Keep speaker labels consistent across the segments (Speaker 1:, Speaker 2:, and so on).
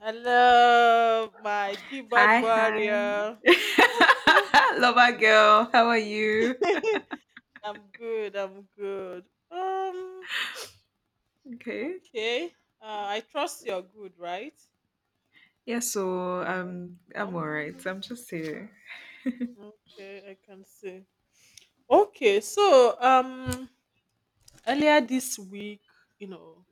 Speaker 1: Hello, my keyboard
Speaker 2: Hi, hi.
Speaker 1: warrior.
Speaker 2: Love our girl. How are you?
Speaker 1: I'm good. I'm good.
Speaker 2: Okay.
Speaker 1: Okay. I trust you're good, right?
Speaker 2: Yeah,
Speaker 1: Oh,
Speaker 2: so
Speaker 1: okay.
Speaker 2: um I'm all right.
Speaker 1: Um.
Speaker 2: I'm just here.
Speaker 1: Okay. I can see. Okay. Earlier this week, you know,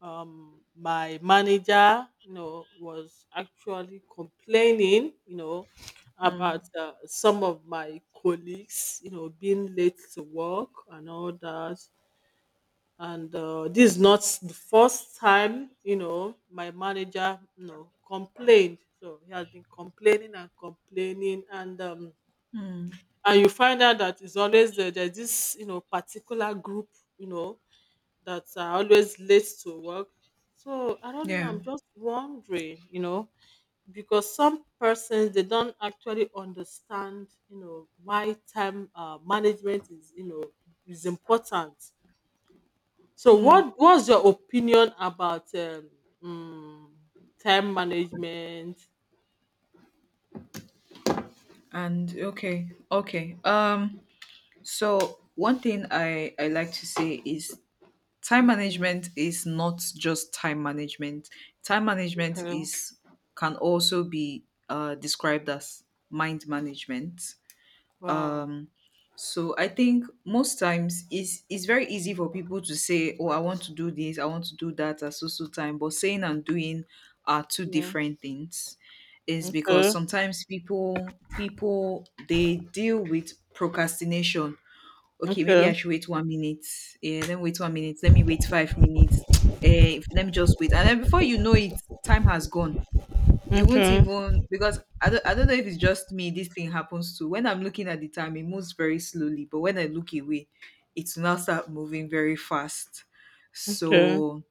Speaker 1: my manager was actually complaining about
Speaker 2: hmm
Speaker 1: some of my colleagues being late to work and all that, and this is not the first time my manager complained. So he has been complaining and complaining,
Speaker 2: Mm.
Speaker 1: and you find out that there's this particular group, you know that are always late to work. So I don't know.
Speaker 2: Yeah.
Speaker 1: I'm just wondering, because some persons, they don't actually understand, why time management is, is important. So
Speaker 2: Mm.
Speaker 1: what was your opinion about mm, time management?
Speaker 2: And okay. Okay. So one thing I like to say is time
Speaker 1: Okay.
Speaker 2: management is not just time management. Time management
Speaker 1: Okay.
Speaker 2: is can also be described as mind management
Speaker 1: Wow.
Speaker 2: Um, So I think most times it's very easy for people to say, "Oh, I want to do this, I want to do that at so so time," but saying and doing are two
Speaker 1: Yeah.
Speaker 2: different things. Is
Speaker 1: Okay.
Speaker 2: because sometimes people they deal with procrastination. Okay, maybe
Speaker 1: Okay.
Speaker 2: I should wait 1 minute. Yeah, then wait 1 minute. Let me wait 5 minutes. Eh, let me just wait, and then before you know it, time has gone you won't
Speaker 1: Okay.
Speaker 2: even because I don't know if it's just me this thing happens to when I'm looking at the time it moves very slowly, but when I look away it's now start moving very fast.
Speaker 1: Okay.
Speaker 2: So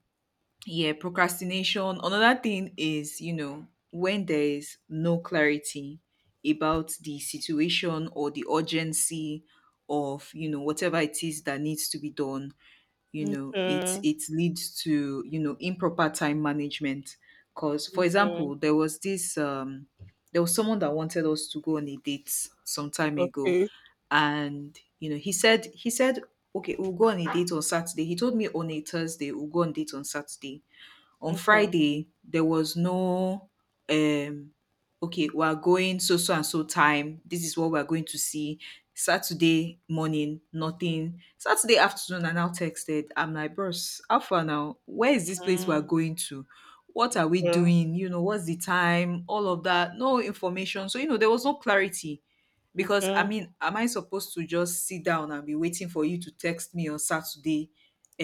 Speaker 2: yeah, procrastination. Another thing is, you know, when there is no clarity about the situation or the urgency of, you know, whatever it is that needs to be done, you know, it
Speaker 1: Okay.
Speaker 2: it leads to, you know, improper time management. Because for
Speaker 1: Okay.
Speaker 2: example, there was someone that wanted us to go on a date some time ago,
Speaker 1: Okay.
Speaker 2: and you know, he said okay, we'll go on a date on Saturday. He told me on a Thursday we'll go on date on Saturday. On
Speaker 1: Okay.
Speaker 2: Friday there was no um okay, we are going so so and so time. This is what we are going to see. Saturday morning, nothing. Saturday afternoon, I now texted. I'm like, bros, how far now? Where is this place we are
Speaker 1: Mm,
Speaker 2: going to? What are we
Speaker 1: okay.
Speaker 2: doing? You know, what's the time? All of that. No information. So, you know, there was no clarity. Because I
Speaker 1: Okay.
Speaker 2: mean, am I supposed to just sit down and be waiting for you to text me on Saturday uh,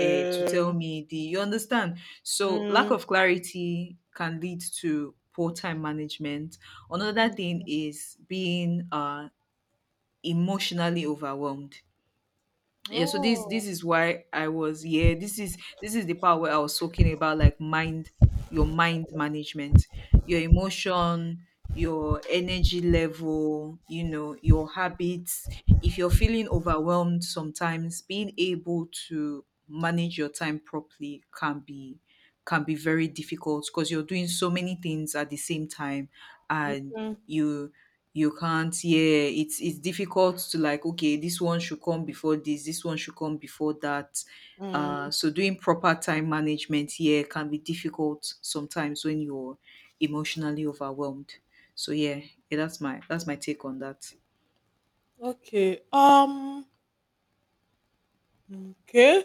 Speaker 2: to tell me the you understand? So, lack
Speaker 1: Mm.
Speaker 2: of clarity can lead to poor time management. Another thing is being emotionally overwhelmed. Yeah, so this
Speaker 1: Oh.
Speaker 2: this is why I was yeah this is the part where I was talking about like mind, your mind management, your emotion, your energy level, you know, your habits. If you're feeling overwhelmed, sometimes being able to manage your time properly can be, can be very difficult because you're doing so many things at the same time, and
Speaker 1: Mm.
Speaker 2: you you can't, yeah, it's difficult to like, okay, this one should come before this, this one should come before that.
Speaker 1: Mm.
Speaker 2: So doing proper time management, yeah, can be difficult sometimes when you're emotionally overwhelmed. So yeah, yeah, that's my take on that.
Speaker 1: Okay. Okay.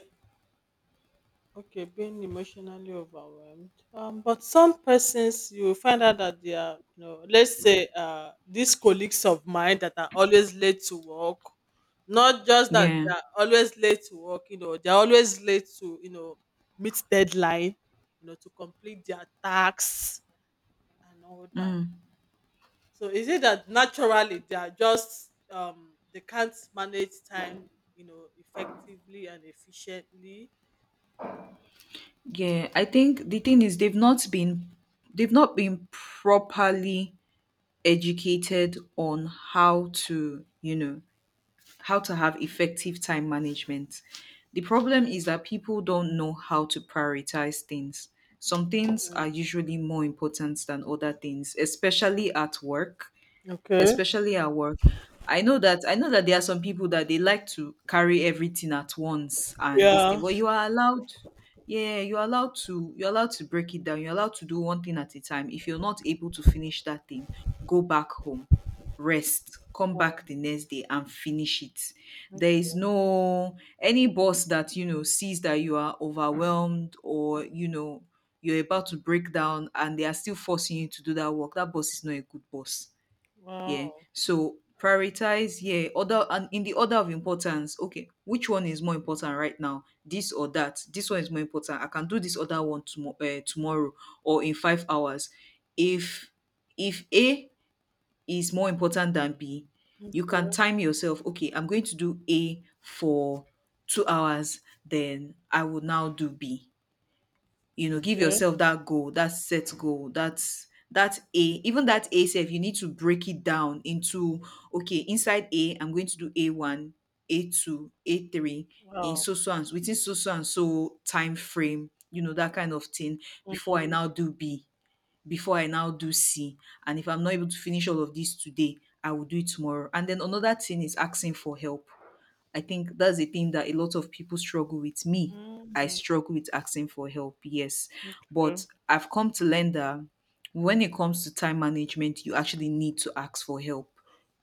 Speaker 1: Okay. Being emotionally overwhelmed. But some persons, you will find out that they are, you know, let's say, these colleagues of mine that are always late to work. Not just that
Speaker 2: Yeah.
Speaker 1: they are always late to work. You know, they are always late to, you know, meet deadline. You know, to complete their tasks and all that. So is it that naturally they are just they can't manage time, you know, effectively and efficiently?
Speaker 2: Yeah, I think the thing is they've not been properly educated on how to, you know, how to have effective time management. The problem is that people don't know how to prioritize things. Some things
Speaker 1: Mm.
Speaker 2: are usually more important than other things, especially at work,
Speaker 1: Okay.
Speaker 2: especially at work. I know that there are some people that they like to carry everything at once and this
Speaker 1: Yeah.
Speaker 2: thing, but you are allowed, yeah, you're allowed to break it down. You're allowed to do one thing at a time. If you're not able to finish that thing, go back home, rest, come back the next day and finish it. There is no any boss that, you know, sees that you are overwhelmed or, you know, you're about to break down and they are still forcing you to do that work. That boss is not a good boss. Yeah.
Speaker 1: Wow.
Speaker 2: So prioritize, yeah, order and in the order of importance. Okay, which one is more important right now? This or that? This one is more important. I can do this other one tomorrow, tomorrow or in 5 hours. If A is more important than B, you can
Speaker 1: Okay.
Speaker 2: time yourself. Okay, I'm going to do A for 2 hours. Then I will now do B. You know, give
Speaker 1: Okay.
Speaker 2: yourself that goal, that set goal. That's that a, even that a self, you need to break it down into okay, inside a I'm going to do a1, a2, a3 in
Speaker 1: Wow.
Speaker 2: so so and so, within so so and so time frame, you know, that kind of thing. Before I now do b, before I now do c, and if I'm not able to finish all of this today, I will do it tomorrow. And then another thing is asking for help. I think that's the thing that a lot of people struggle with. Me, I
Speaker 1: Mm.
Speaker 2: struggle with asking for help, yes.
Speaker 1: Okay.
Speaker 2: But I've come to learn that when it comes to time management, you actually need to ask for help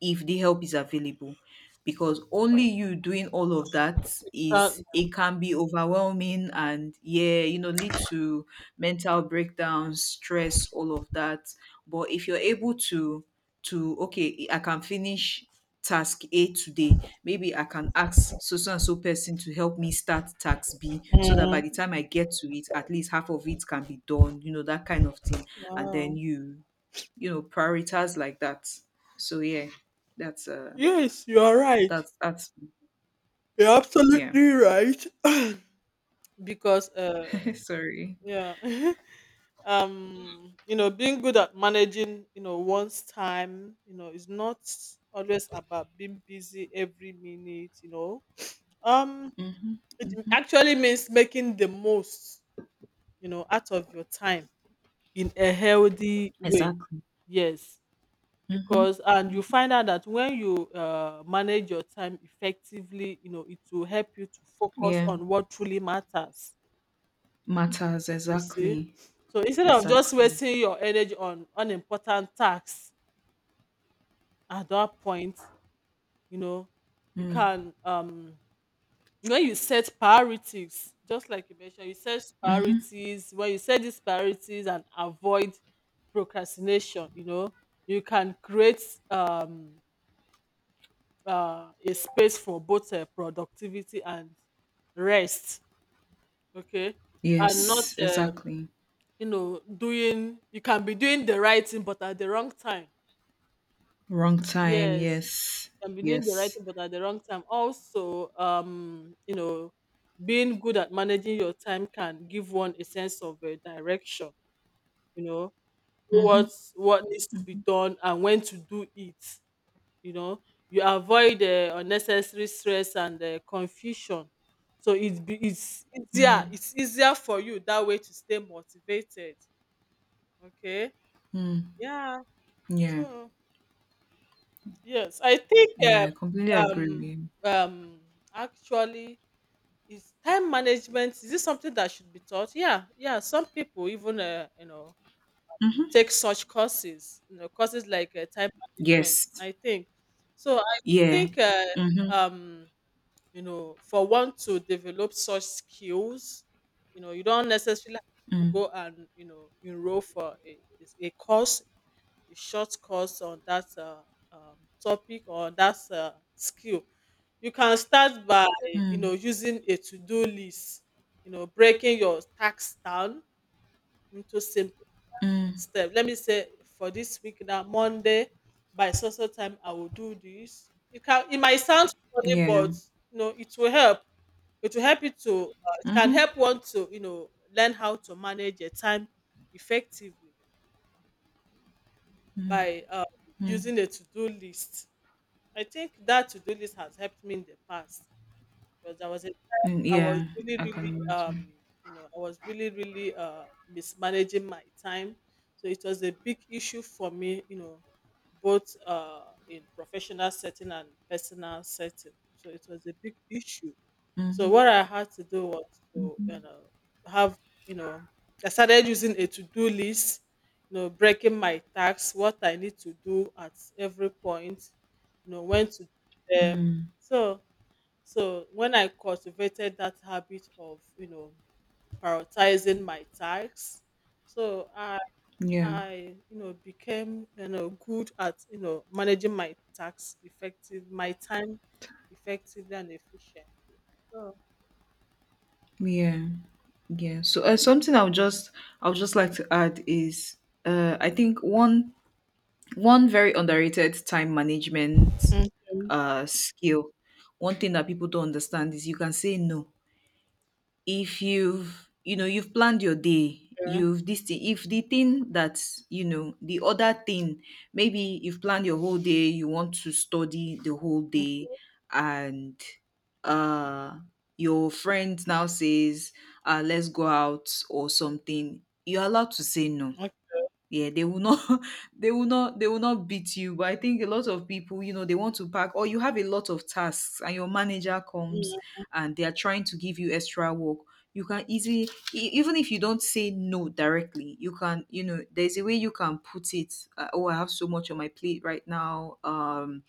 Speaker 2: if the help is available. Because only you doing all of that
Speaker 1: That,
Speaker 2: is, it can be overwhelming and, yeah, you know, lead to mental breakdowns, stress, all of that. But if you're able to okay, I can finish task a today, maybe I can ask so so and so person to help me start task b so that by
Speaker 1: mm,
Speaker 2: the time I get to it at least half of it can be done, you know, that kind of thing. And
Speaker 1: wow.
Speaker 2: then you know prioritize like that. So yeah, that's
Speaker 1: Yes, you are right.
Speaker 2: that's.
Speaker 1: You're
Speaker 2: Yeah.
Speaker 1: absolutely right. Because
Speaker 2: Sorry.
Speaker 1: yeah. You know, being good at managing, you know, one's time, you know, is not always about being busy every minute, um
Speaker 2: Hmm.
Speaker 1: it actually means making the most, you know, out of your time in a healthy way.
Speaker 2: Exactly.
Speaker 1: Yes,
Speaker 2: Hmm.
Speaker 1: because, and you find out that when you manage your time effectively, you know, it will help you to focus
Speaker 2: Yeah,
Speaker 1: on what truly matters.
Speaker 2: matters
Speaker 1: You see,
Speaker 2: exactly.
Speaker 1: so instead of just
Speaker 2: Exactly.
Speaker 1: wasting your energy on unimportant tasks at that point, you know, you
Speaker 2: Mm-hmm.
Speaker 1: can when you set priorities, just like you mentioned, you set priorities, when you set these priorities and avoid procrastination, you know, you can create um a space for both productivity and rest. Okay. And not
Speaker 2: Yes, exactly.
Speaker 1: you know, doing, you can be doing the right thing but at the wrong time.
Speaker 2: Wrong time.
Speaker 1: Yes,
Speaker 2: Yes.
Speaker 1: can be doing the right
Speaker 2: Yes.
Speaker 1: thing but at the wrong time. Also, you know, being good at managing your time can give one a sense of direction. You know,
Speaker 2: Mm-hmm.
Speaker 1: what what needs to be
Speaker 2: Mm-hmm.
Speaker 1: done and when to do it. You know, you avoid unnecessary stress and confusion. So it's easier.
Speaker 2: Mm-hmm.
Speaker 1: It's easier for you that way to stay motivated. Okay.
Speaker 2: Mm-hmm.
Speaker 1: Yeah.
Speaker 2: Yeah.
Speaker 1: So yes, I think
Speaker 2: Yeah, completely agree with
Speaker 1: um
Speaker 2: you.
Speaker 1: um actually, is time management, is this something that should be taught? Yeah, yeah. Some people even you know
Speaker 2: Mm-hmm.
Speaker 1: take such courses, you know, courses like time management.
Speaker 2: Yes.
Speaker 1: I think so. I
Speaker 2: Yeah.
Speaker 1: think
Speaker 2: Mm-hmm.
Speaker 1: um, you know, for one to develop such skills, you know, you don't necessarily have to go and you know enroll for is a course, a short course on that um, topic or that skill. You can start by you
Speaker 2: Mm-hmm.
Speaker 1: know using a to-do list, you know, breaking your tasks down into simple
Speaker 2: Mm-hmm.
Speaker 1: steps. Let me say for this week now, Monday by so so time I will do this. You can, it might sound funny,
Speaker 2: Yeah.
Speaker 1: but you know, it will help. It will help you to it can
Speaker 2: Mm-hmm.
Speaker 1: help one to, you know, learn how to manage your time effectively by
Speaker 2: Mm-hmm.
Speaker 1: using a to-do list. I think that to-do list has helped me in the past because
Speaker 2: Mm,
Speaker 1: I was
Speaker 2: yeah.
Speaker 1: really
Speaker 2: I can
Speaker 1: really
Speaker 2: imagine.
Speaker 1: you know I was really really mismanaging my time, so it was a big issue for me, you know, both in professional setting and personal setting. So it was a big issue. So
Speaker 2: Mm-hmm.
Speaker 1: what I had to do was to, you know, have, you know, I started using a to-do list, you know, breaking my tasks, what I need to do at every point, you know, when to um
Speaker 2: Mm.
Speaker 1: so so when I cultivated that habit of, you know, prioritizing my tasks, so
Speaker 2: Yeah.
Speaker 1: you know, became, you know, good at, you know, managing my tasks effective, my time effectively and efficient. So
Speaker 2: Yeah. Yeah. So something I'll just like to add is I think one very underrated time management
Speaker 1: Mhm.
Speaker 2: skill, one thing that people don't understand is you can say no. If you've, you know, you've planned your day,
Speaker 1: Okay,
Speaker 2: you've this thing, if the thing that, you know, the other thing, maybe you've planned your whole day, you want to study the whole day,
Speaker 1: okay,
Speaker 2: and uh your friend now says let's go out or something, you're allowed to say no. Yeah, they will not they will not beat you. But I think a lot of people, you know, they want to pack or you have a lot of tasks and your manager comes and they are trying to give you extra work. You can easily even if you don't say no directly, you can, you know, there's a way you can put it. Oh, I have so much on my plate right now.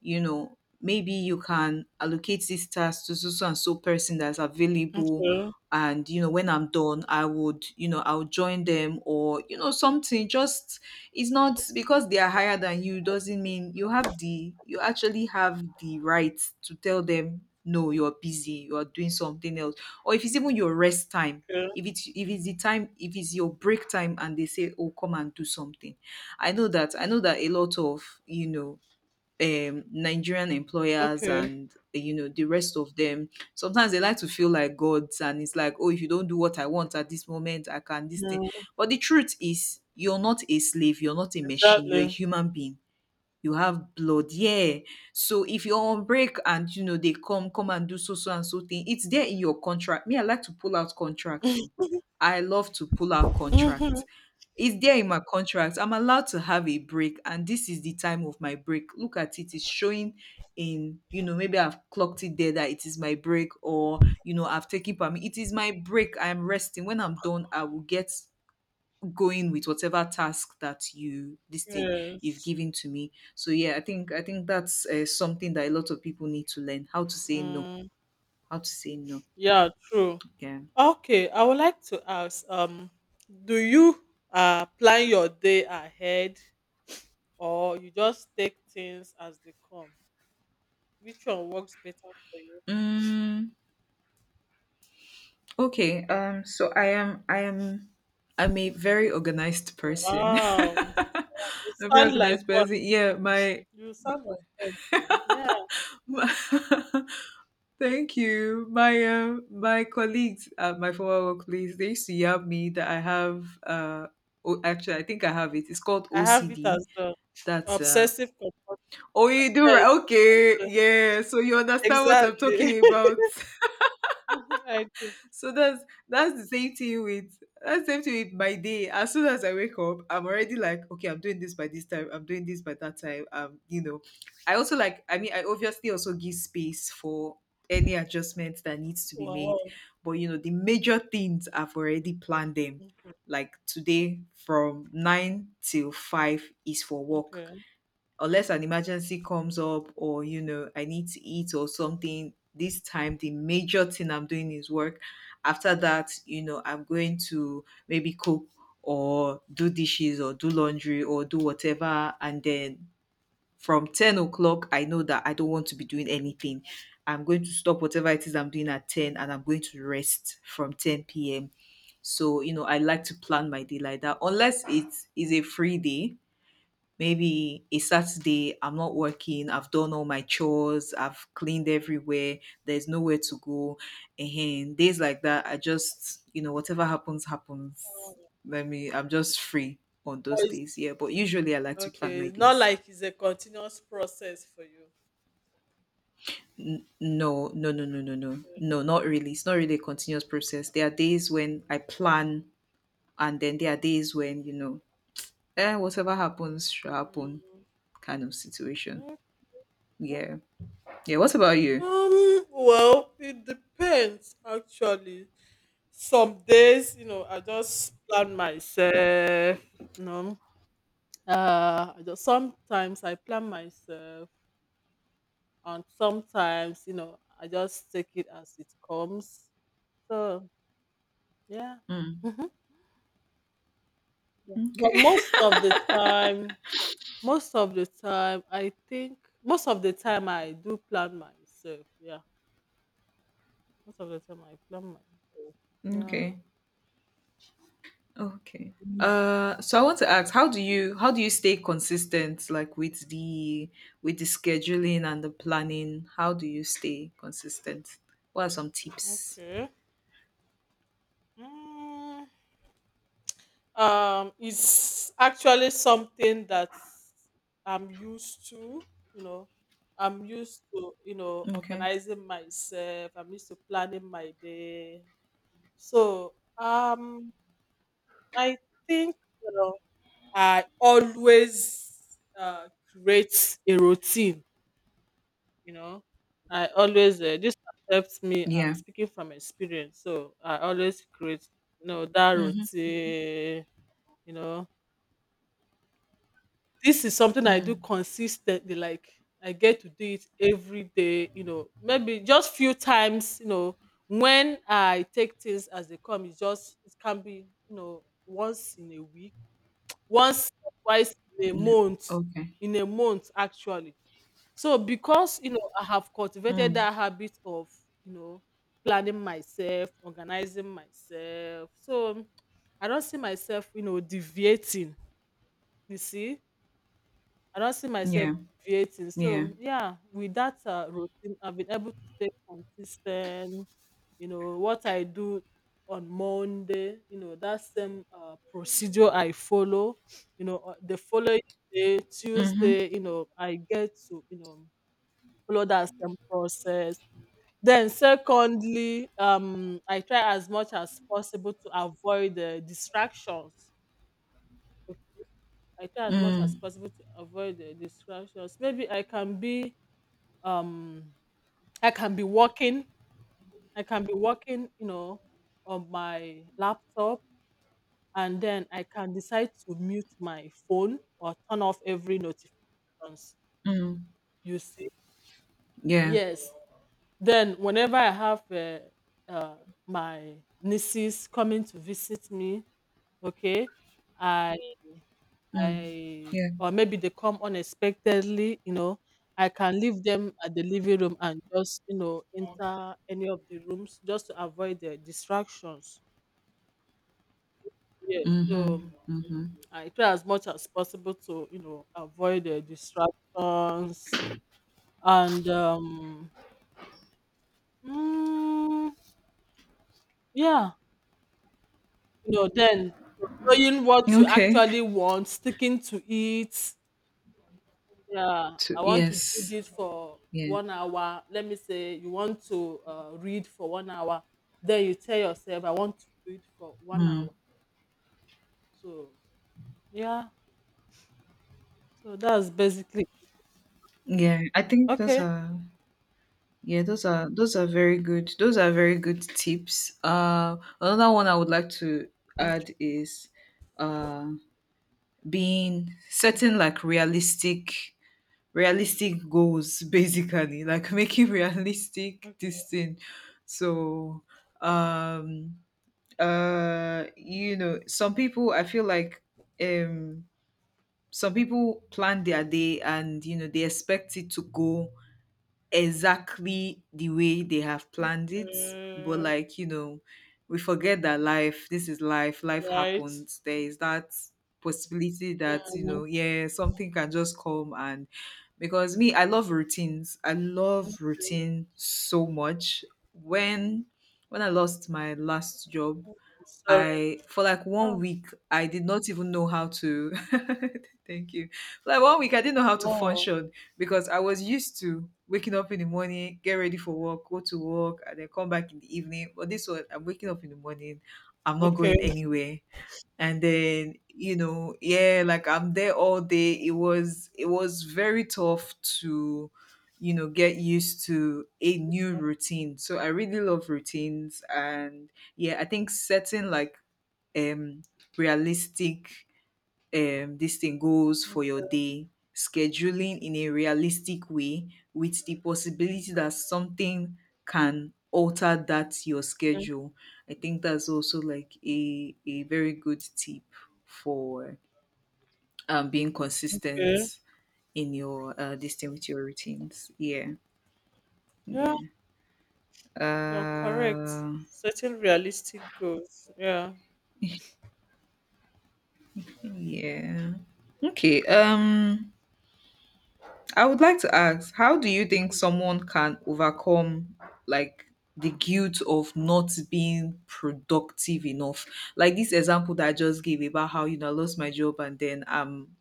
Speaker 2: You know, maybe you can allocate this task to so so and so person that's available.
Speaker 1: okay,
Speaker 2: And you know, when I'm done I would, you know, I'll join them or, you know, something. Just, it's not because they are higher than you doesn't mean you have the, you actually have the right to tell them no, you're busy, you're doing something else. Or if it's even your rest time,
Speaker 1: okay,
Speaker 2: if it's the time, if it's your break time, and they say oh, come and do something. I know that a lot of, you know, Nigerian employers
Speaker 1: okay.
Speaker 2: and you know, the rest of them, sometimes they like to feel like gods, and it's like oh, if you don't do what I want at this moment I can this thing.
Speaker 1: Mm,
Speaker 2: But the truth is you're not a slave, you're not a machine, you're a
Speaker 1: exactly.
Speaker 2: human being, you have blood, yeah. So if you're on break and you know they come and do so so and so thing, it's there in your contract. Me, I like to pull out contract too, I love to pull out
Speaker 1: Mm-hmm.
Speaker 2: contract. It's there in my contract, I'm allowed to have a break, and this is the time of my break, look at it, it's showing in, you know, maybe I've clocked it there that it is my break, or you know, I've taken permit, it is my break, I'm resting, when I'm done I will get going with whatever task that you this thing you've
Speaker 1: Yes.
Speaker 2: given to me. So yeah, I think that's something that a lot of people need to learn, how to say no,
Speaker 1: Mm,
Speaker 2: how to say no.
Speaker 1: yeah, true.
Speaker 2: Yeah.
Speaker 1: Okay, I would like to ask, do you plan your day ahead or you just take things as they come? Which one works better for you?
Speaker 2: mm, okay, so I am, I'm a very organized person,
Speaker 1: Wow.
Speaker 2: a
Speaker 1: You
Speaker 2: very
Speaker 1: sound like
Speaker 2: organized
Speaker 1: one.
Speaker 2: person. Yeah, my
Speaker 1: You sound like one too. Yeah,
Speaker 2: my thank you. My my colleagues, my former work colleagues, they used to yab me that I have. Oh, actually, I think I have it. It's called
Speaker 1: I have it as
Speaker 2: OCD. That's
Speaker 1: obsessive compulsive.
Speaker 2: oh, you do
Speaker 1: Yes,
Speaker 2: right. Okay,
Speaker 1: uh,
Speaker 2: yeah. So you understand what I'm
Speaker 1: exactly.
Speaker 2: talking about.
Speaker 1: I do.
Speaker 2: So that's the same thing with, my day. As soon as I wake up, I'm already like, okay, I'm doing this by this time, I'm doing this by that time. I also like, I mean, I obviously also give space for any adjustments that needs to be made.
Speaker 1: Wow.
Speaker 2: But the major things I've already planned them.
Speaker 1: Mm.
Speaker 2: Like today from 9 till 5 is for work,
Speaker 1: Okay.
Speaker 2: unless an emergency comes up or I need to eat or something. This time the major thing I'm doing is work. After that, I'm going to maybe cook or do dishes or do laundry or do whatever. And then from 10 o'clock I know that I don't want to be doing anything. I'm going to stop whatever it is I'm doing at 10, and I'm going to rest from 10 p.m. So I like to plan my day like that, unless it is a free day. Maybe a Saturday, I'm not working, I've done all my chores, I've cleaned everywhere, there's nowhere to go. And days like that, I just, whatever happens, happens.
Speaker 1: Wow.
Speaker 2: Let me, I'm just free on
Speaker 1: But
Speaker 2: those
Speaker 1: it's,
Speaker 2: days. Yeah. But usually I like to plan
Speaker 1: okay,
Speaker 2: my
Speaker 1: it's not
Speaker 2: days.
Speaker 1: like it's a continuous process for you.
Speaker 2: No, no, no, no, no, no,
Speaker 1: Okay.
Speaker 2: no, not really. It's not really a continuous process. There are days when I plan, and then there are days when, whatever happens shall
Speaker 1: Mm,
Speaker 2: happen,
Speaker 1: mm,
Speaker 2: kind of situation.
Speaker 1: okay.
Speaker 2: Yeah, yeah. What about you?
Speaker 1: Well, it depends actually. Some days, you know, I just plan myself. You know, sometimes I plan myself, and sometimes, you know, I just take it as it comes. So yeah. Yeah. But
Speaker 2: Okay.
Speaker 1: most of the time, I think most of the time I do plan myself. Yeah, most of the time I plan myself. Yeah.
Speaker 2: Okay. Okay.
Speaker 1: Mm.
Speaker 2: So I want to ask, how do you stay consistent, like with the scheduling and the planning? How do you stay consistent? What are some tips?
Speaker 1: Okay. Mm, it's actually something that I'm used to. You know, I'm used to you know
Speaker 2: Okay.
Speaker 1: organizing myself. I'm used to planning my day. So um, I think you know I always create a routine. You know, I always this helps me. I'm
Speaker 2: Yeah.
Speaker 1: speaking from experience, so I always create you know that
Speaker 2: Mm-hmm.
Speaker 1: routine. You know, this is something I do
Speaker 2: Mm.
Speaker 1: consistently. Like I get to do it every day. You know, maybe just few times. You know, when I take things as they come, it can be you know once in a week, once or twice in a
Speaker 2: No.
Speaker 1: month
Speaker 2: Okay.
Speaker 1: in a month actually. So because you know I have cultivated
Speaker 2: Mm.
Speaker 1: that habit of you know planning myself, organizing myself. So I don't see myself you know deviating. You see, I don't see myself
Speaker 2: Yeah.
Speaker 1: deviating.
Speaker 2: Yeah.
Speaker 1: So yeah, with that routine, I've been able to stay consistent. You know what I do on Monday, you know, that same procedure I follow, you know, the following day
Speaker 2: Mm-hmm.
Speaker 1: Tuesday, you know, I get to you know follow that same process. Then secondly, I try as much as possible to avoid the distractions. Ok, I try as much as
Speaker 2: Mm.
Speaker 1: possible to avoid the distractions. Maybe I can be um i can be working I can be working, you know, on my laptop, and then I can decide to mute my phone or turn off every notifications.
Speaker 2: Mm.
Speaker 1: You see,
Speaker 2: Yeah.
Speaker 1: yes. Then whenever I have uh, my nieces coming to visit me, okay, I
Speaker 2: Mm.
Speaker 1: I
Speaker 2: Yeah.
Speaker 1: or maybe they come unexpectedly, you know, I can leave them at the living room and just you know enter any of the rooms just to avoid the distractions. Yeah,
Speaker 2: Mm-hmm.
Speaker 1: so
Speaker 2: Mm-hmm.
Speaker 1: I try as much as possible to, you know, avoid the distractions, and um mm, yeah, you know, then knowing what you
Speaker 2: Okay.
Speaker 1: actually want, sticking to it. Yeah,
Speaker 2: To,
Speaker 1: I want to do
Speaker 2: yes.
Speaker 1: this for
Speaker 2: Yeah.
Speaker 1: 1 hour. Let me say you want to read for 1 hour, then you tell yourself I want to read for one
Speaker 2: Mm.
Speaker 1: hour. So yeah, so that's basically
Speaker 2: Yeah. I think those
Speaker 1: okay.
Speaker 2: are Yeah, those are very good. Those are very good tips. Another one I would like to
Speaker 1: Okay.
Speaker 2: add is uh, being setting like realistic realistic goals basically, like, making realistic
Speaker 1: Okay.
Speaker 2: this thing. So um some people, I feel like, um some people plan their day, and they expect it to go exactly the way they have planned it. But
Speaker 1: Uh,
Speaker 2: like, we forget that life, this is life, life
Speaker 1: right.
Speaker 2: happens. There is that possibility that, yeah, something can just come. And because me, I love routines. I love routine so much. When when I lost my last job,
Speaker 1: Sorry.
Speaker 2: I for like one
Speaker 1: Oh,
Speaker 2: week I did not even know how to thank you. For like 1 week I didn't know how to
Speaker 1: no.
Speaker 2: function, because I was used to waking up in the morning, get ready for work, go to work, and then come back in the evening. But this one, I'm waking up in the morning, I'm not
Speaker 1: Okay,
Speaker 2: going anywhere. And then, yeah, like, I'm there all day. It was very tough to, get used to a new routine. So I really love routines, and yeah, I think setting like um realistic, this thing, goals for your day, scheduling in a realistic way with the possibility that something can alter that your
Speaker 1: okay,
Speaker 2: schedule. I think that's also like a very good tip for being
Speaker 1: okay.
Speaker 2: consistent in your this thing with your routines. Yeah.
Speaker 1: Yeah,
Speaker 2: Yeah.
Speaker 1: you're correct.
Speaker 2: uh
Speaker 1: Setting realistic goals. Yeah.
Speaker 2: yeah, okay. I would like to ask, how do you think someone can overcome, like, the guilt of not being productive enough? Like this example that I just gave about how I lost my job, and then I'm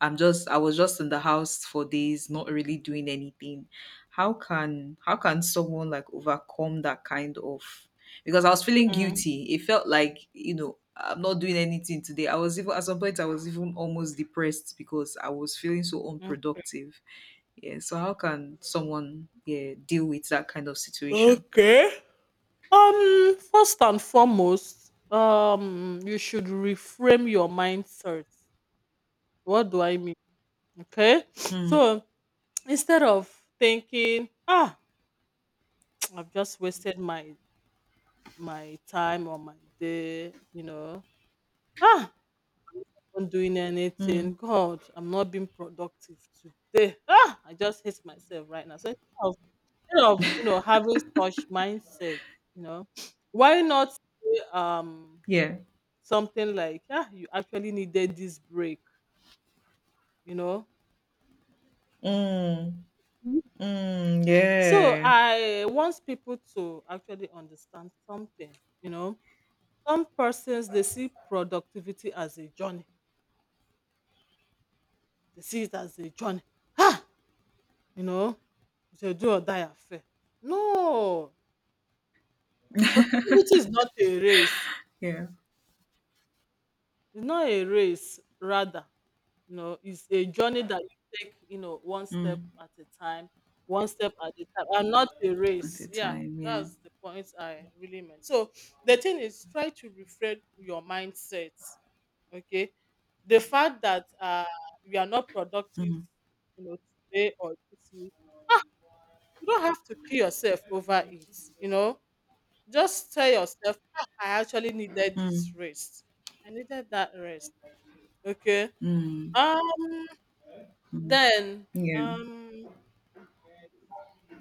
Speaker 2: I'm just I was just in the house for days, not really doing anything. How can someone, like, overcome that kind of, because I was feeling
Speaker 1: Mm,
Speaker 2: guilty. It felt like, I'm not doing anything today. I was even at some point I was even almost depressed, because I was feeling so
Speaker 1: mm.
Speaker 2: unproductive. Yeah. So how can someone, yeah, deal with that kind of situation?
Speaker 1: Okay. First and foremost, you should reframe your mindset. What do I mean? Okay.
Speaker 2: Mm,
Speaker 1: So instead of thinking, ah, I've just wasted my time or my day, you know, ah, not doing
Speaker 2: mm,
Speaker 1: anything. God, I'm not being productive today. Ah, I just hate myself right now. So of, instead of you know having such mindset, you know, why not say,
Speaker 2: yeah.
Speaker 1: something like ah you actually needed this break, you know?
Speaker 2: Mm,
Speaker 1: Mhm.
Speaker 2: mm,
Speaker 1: So
Speaker 2: yeah.
Speaker 1: I want people to actually understand something, you know. Some persons they see productivity as a journey. They see it as a journey. Ah, you know, it's a do or die affair. No. Productivity is not a race.
Speaker 2: Yeah.
Speaker 1: It's not a race, rather, you know, it's a journey that you take, you know, one step
Speaker 2: Mm.
Speaker 1: at a time, one step at a time, and not a
Speaker 2: At the
Speaker 1: race. Yeah,
Speaker 2: time, yeah.
Speaker 1: that's the point I really meant. So the thing is, try to refresh your mindset. Okay, the fact that we are not productive,
Speaker 2: Mm,
Speaker 1: you know, today or this week, ah, you don't have to kill yourself over it. You know, just tell yourself, "Ah, I actually needed this
Speaker 2: mm.
Speaker 1: rest. I needed that rest." Okay.
Speaker 2: Mm,
Speaker 1: Um.
Speaker 2: mm,
Speaker 1: Then.
Speaker 2: yeah.
Speaker 1: Um.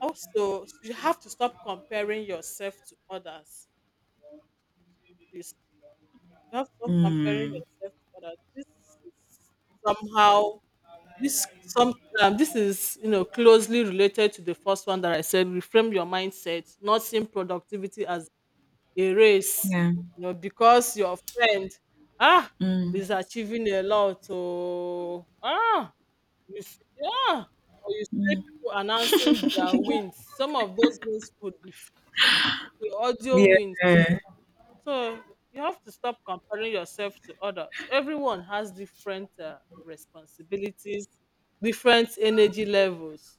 Speaker 1: Also, you have to stop comparing yourself to others. Please, you have to stop comparing
Speaker 2: Mm,
Speaker 1: yourself to others. This is somehow this some this is closely related to the first one that I said. Reframe your mindset, not seeing productivity as a race,
Speaker 2: yeah.
Speaker 1: you know, because your friend ah
Speaker 2: Mm,
Speaker 1: is achieving a lot. Oh you see, or you see people announcing their wins. Some of those wins could be free audio
Speaker 2: yeah.
Speaker 1: wins. So you have to stop comparing yourself to others. Everyone has different responsibilities, different energy levels.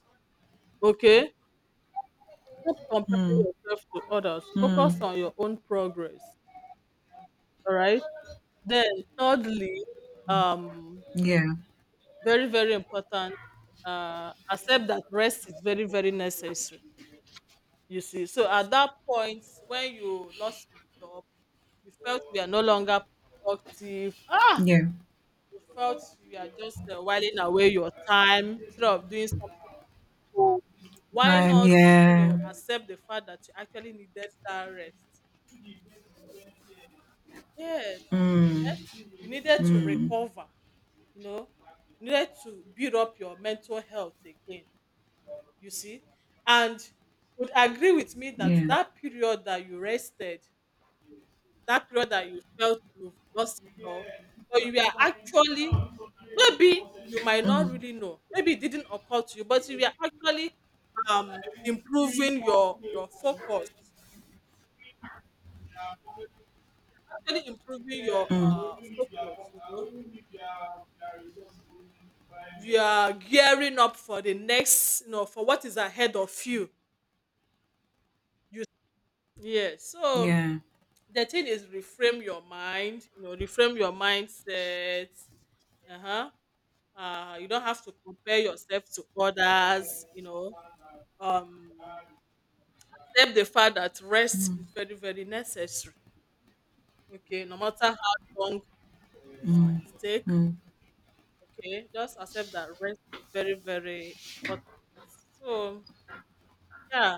Speaker 1: Okay? Stop comparing
Speaker 2: Mm,
Speaker 1: yourself to others. Focus on
Speaker 2: mm,
Speaker 1: your own progress. All right? Then thirdly, um,
Speaker 2: yeah.
Speaker 1: very, very important, accept that rest is very, very necessary. You see, so at that point when you lost your job, you felt you are no longer productive. Ah,
Speaker 2: Yeah.
Speaker 1: you felt you are just whiling away your time instead of doing something. Why
Speaker 2: Time,
Speaker 1: not, you know,
Speaker 2: yeah.
Speaker 1: accept the fact that you actually needed that rest? Yes,
Speaker 2: Mm,
Speaker 1: eh, you needed to
Speaker 2: mm,
Speaker 1: recover. You know, you needed to build up your mental health again, you see, and would agree with me that
Speaker 2: yeah.
Speaker 1: that period that you rested, that period that you felt you've lost it all, but you were actually, maybe you might not
Speaker 2: Mm,
Speaker 1: really know, maybe it didn't occur to you, but you were actually improving your focus, actually improving your
Speaker 2: mm,
Speaker 1: focus, you know, you are gearing up for the next, you know, for what is ahead of you. You yes so
Speaker 2: yeah.
Speaker 1: the thing is reframe your mind, you know, reframe your mindset. Uh-huh. You don't have to compare yourself to others, you know. Um Except the fact that rest
Speaker 2: Mm,
Speaker 1: is very, very necessary. Okay, no matter how long it might take.
Speaker 2: mm,
Speaker 1: Okay, just accept that rest is very, very important. So yeah,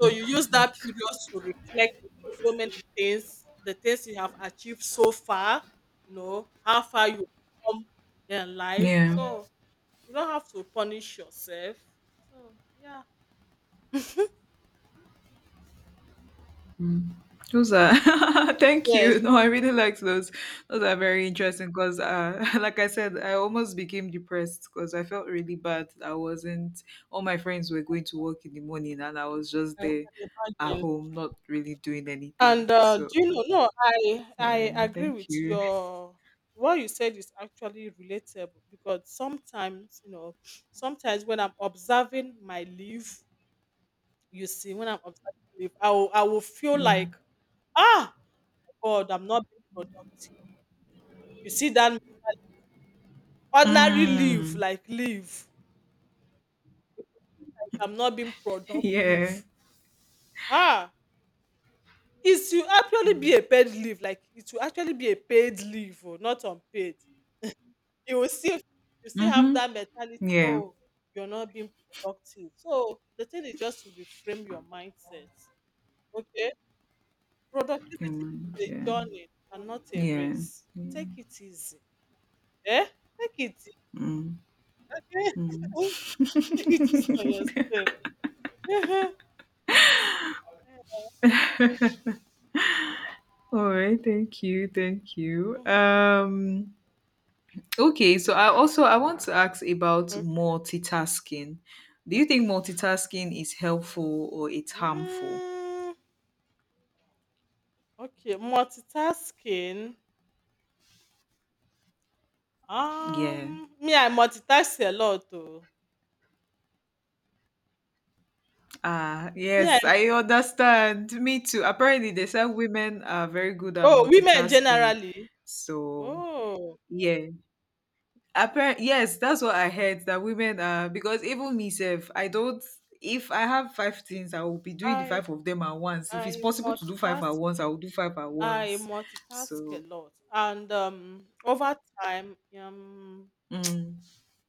Speaker 1: so you use that
Speaker 2: important.
Speaker 1: period to reflect on so many things, the things you have achieved so far, you know, how far you come in life.
Speaker 2: Yeah.
Speaker 1: So you don't have to punish yourself. So yeah.
Speaker 2: Those are thank
Speaker 1: Yes,
Speaker 2: you. No, I really liked those. Those are very interesting because, like I said, I almost became depressed because I felt really bad. I wasn't. All my friends were going to work in the morning, and I was just
Speaker 1: I can
Speaker 2: there at
Speaker 1: imagine.
Speaker 2: home, not really doing anything.
Speaker 1: And do
Speaker 2: So
Speaker 1: you know? No, I
Speaker 2: yeah,
Speaker 1: agree
Speaker 2: thank
Speaker 1: with
Speaker 2: you.
Speaker 1: your, what you said is actually relatable, because sometimes, you know, sometimes when I'm observing my leave, you see, when I'm observing leave, I will feel
Speaker 2: Mm.
Speaker 1: like ah God, I'm not being productive. You see that ordinary leave,
Speaker 2: Mm.
Speaker 1: like leave, like I'm not being
Speaker 2: Yeah.
Speaker 1: productive. Ah, it will actually be a paid leave. Like it will actually be a paid leave, or not unpaid. You will still, you still have
Speaker 2: Mm-hmm.
Speaker 1: that mentality.
Speaker 2: Yeah.
Speaker 1: Oh, you're not being productive. So the thing is just to reframe your mindset. Okay,
Speaker 2: Yeah,
Speaker 1: productivity
Speaker 2: man.
Speaker 1: is a
Speaker 2: Yeah.
Speaker 1: journey and not a
Speaker 2: Yeah.
Speaker 1: race. Take it easy. Eh? Take it. Easy.
Speaker 2: Mm.
Speaker 1: Take it easy on
Speaker 2: Mm.
Speaker 1: yourself. Mhm,
Speaker 2: All right, thank you, thank you.
Speaker 1: mhm.
Speaker 2: Okay, so I want to ask about
Speaker 1: Okay.
Speaker 2: multitasking. Do you think multitasking is helpful or it's harmful?
Speaker 1: Mm, okay, multitasking.
Speaker 2: Yeah.
Speaker 1: Me, I multitask a lot too.
Speaker 2: Ah,
Speaker 1: Me, I,
Speaker 2: yes, I understand. Me too. Apparently, they said women are very good at
Speaker 1: oh, women
Speaker 2: multitasking.
Speaker 1: generally.
Speaker 2: So,
Speaker 1: Oh,
Speaker 2: yeah. Apparent, yes, that's what I heard, that women are, because even myself, I don't. If I have five things, I will be doing the
Speaker 1: I
Speaker 2: five of them at once. If it's
Speaker 1: I
Speaker 2: possible to do five at
Speaker 1: multitask.
Speaker 2: once, I will do five at
Speaker 1: I
Speaker 2: once.
Speaker 1: multitask a
Speaker 2: So,
Speaker 1: lot, and over time,
Speaker 2: mm,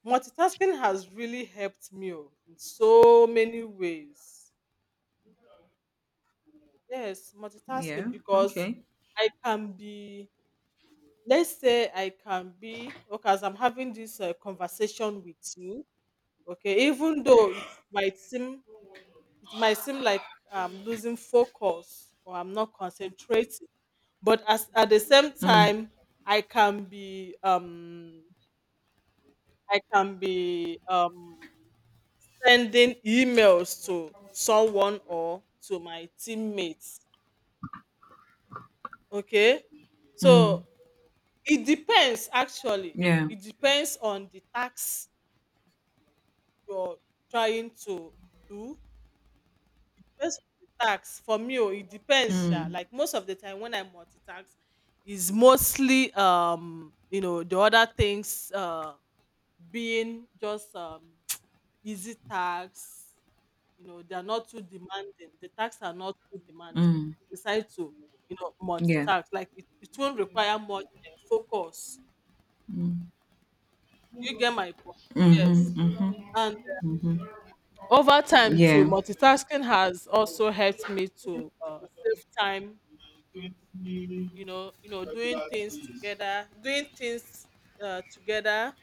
Speaker 1: multitasking has really helped me, oh, in so many ways. Yes, multitasking,
Speaker 2: yeah,
Speaker 1: because
Speaker 2: okay,
Speaker 1: I can be, let's say I can be, okay, as I'm having this conversation with you. Okay, even though it might seem like I'm losing focus or I'm not concentrating, but as at the same
Speaker 2: mm,
Speaker 1: time I can be I can be um sending emails to someone or to my teammates. Okay, so
Speaker 2: mm,
Speaker 1: it depends, actually.
Speaker 2: yeah,
Speaker 1: It depends on the task you're trying to do. Based on the task, for me, oh, it depends sha.
Speaker 2: mm,
Speaker 1: Like most of the time when I multitask is mostly, you know, the other things, being just easy tasks, you know, they are not too demanding, the tasks are not too demanding, so
Speaker 2: mm,
Speaker 1: I decide to, you know,
Speaker 2: yeah,
Speaker 1: multitask. Like it won't require much focus.
Speaker 2: mm,
Speaker 1: You get my point. Yes.
Speaker 2: mm-hmm,
Speaker 1: Over time too,
Speaker 2: yeah,
Speaker 1: multitasking has also helped me to save time. You know, doing things together, doing things together.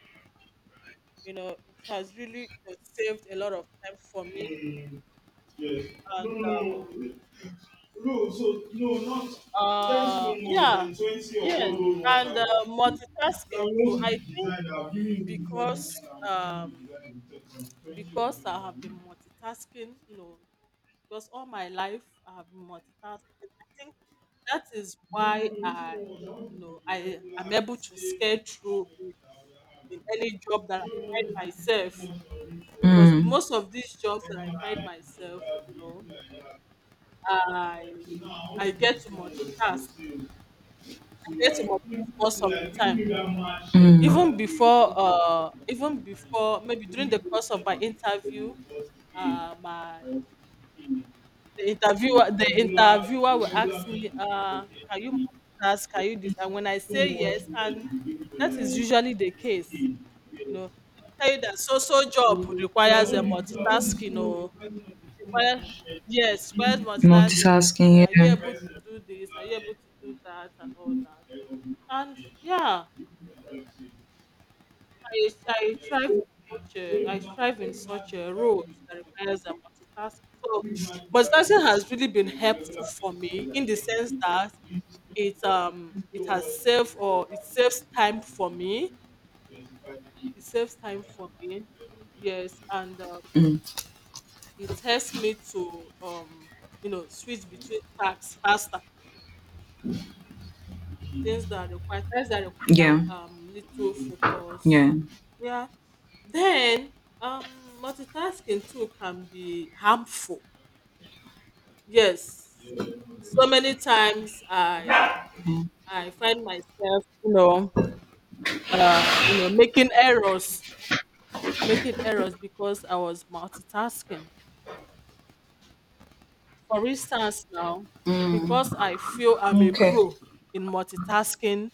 Speaker 1: You know, it has really, you saved a lot of time for me. And um, yeah, yes, and multitasking too. I think, because um, because I have been multitasking. You know, because all my life I have been multitasking. I think that is why I, you know, I am able to scale through in any job that I find myself. Because in
Speaker 2: mm.
Speaker 1: most of these jobs that I find myself, you know, I I get to multitask. I get to multitask most of the time. Even before, maybe during the course of my interview, my the interviewer will ask me, can you multitask? Can you this? And when I say yes, and that is usually the case. You know, they'll tell you that so so job requires a multitasking, or require, yes, requires multitasking.
Speaker 2: Multitasking,
Speaker 1: Are you
Speaker 2: yeah.
Speaker 1: able to do this? Are you able to do that and all that? And yeah, I I thrive in I thrive in such a role that requires a multitasking. So multitasking has really been helpful for me in the sense that it, it has saved, or it saves time for me. It saves time for me. Yes, and
Speaker 2: Mm.
Speaker 1: it helps me to you know, switch between tasks faster. Things that require, tasks that require
Speaker 2: Yeah.
Speaker 1: little focus.
Speaker 2: Yeah.
Speaker 1: Yeah. Then multitasking too can be harmful. Yes. So many times I find myself, you know, uh, you know, making errors, making errors because I was multitasking. For instance now, because
Speaker 2: Mm,
Speaker 1: I feel I'm a
Speaker 2: okay.
Speaker 1: pro in multitasking,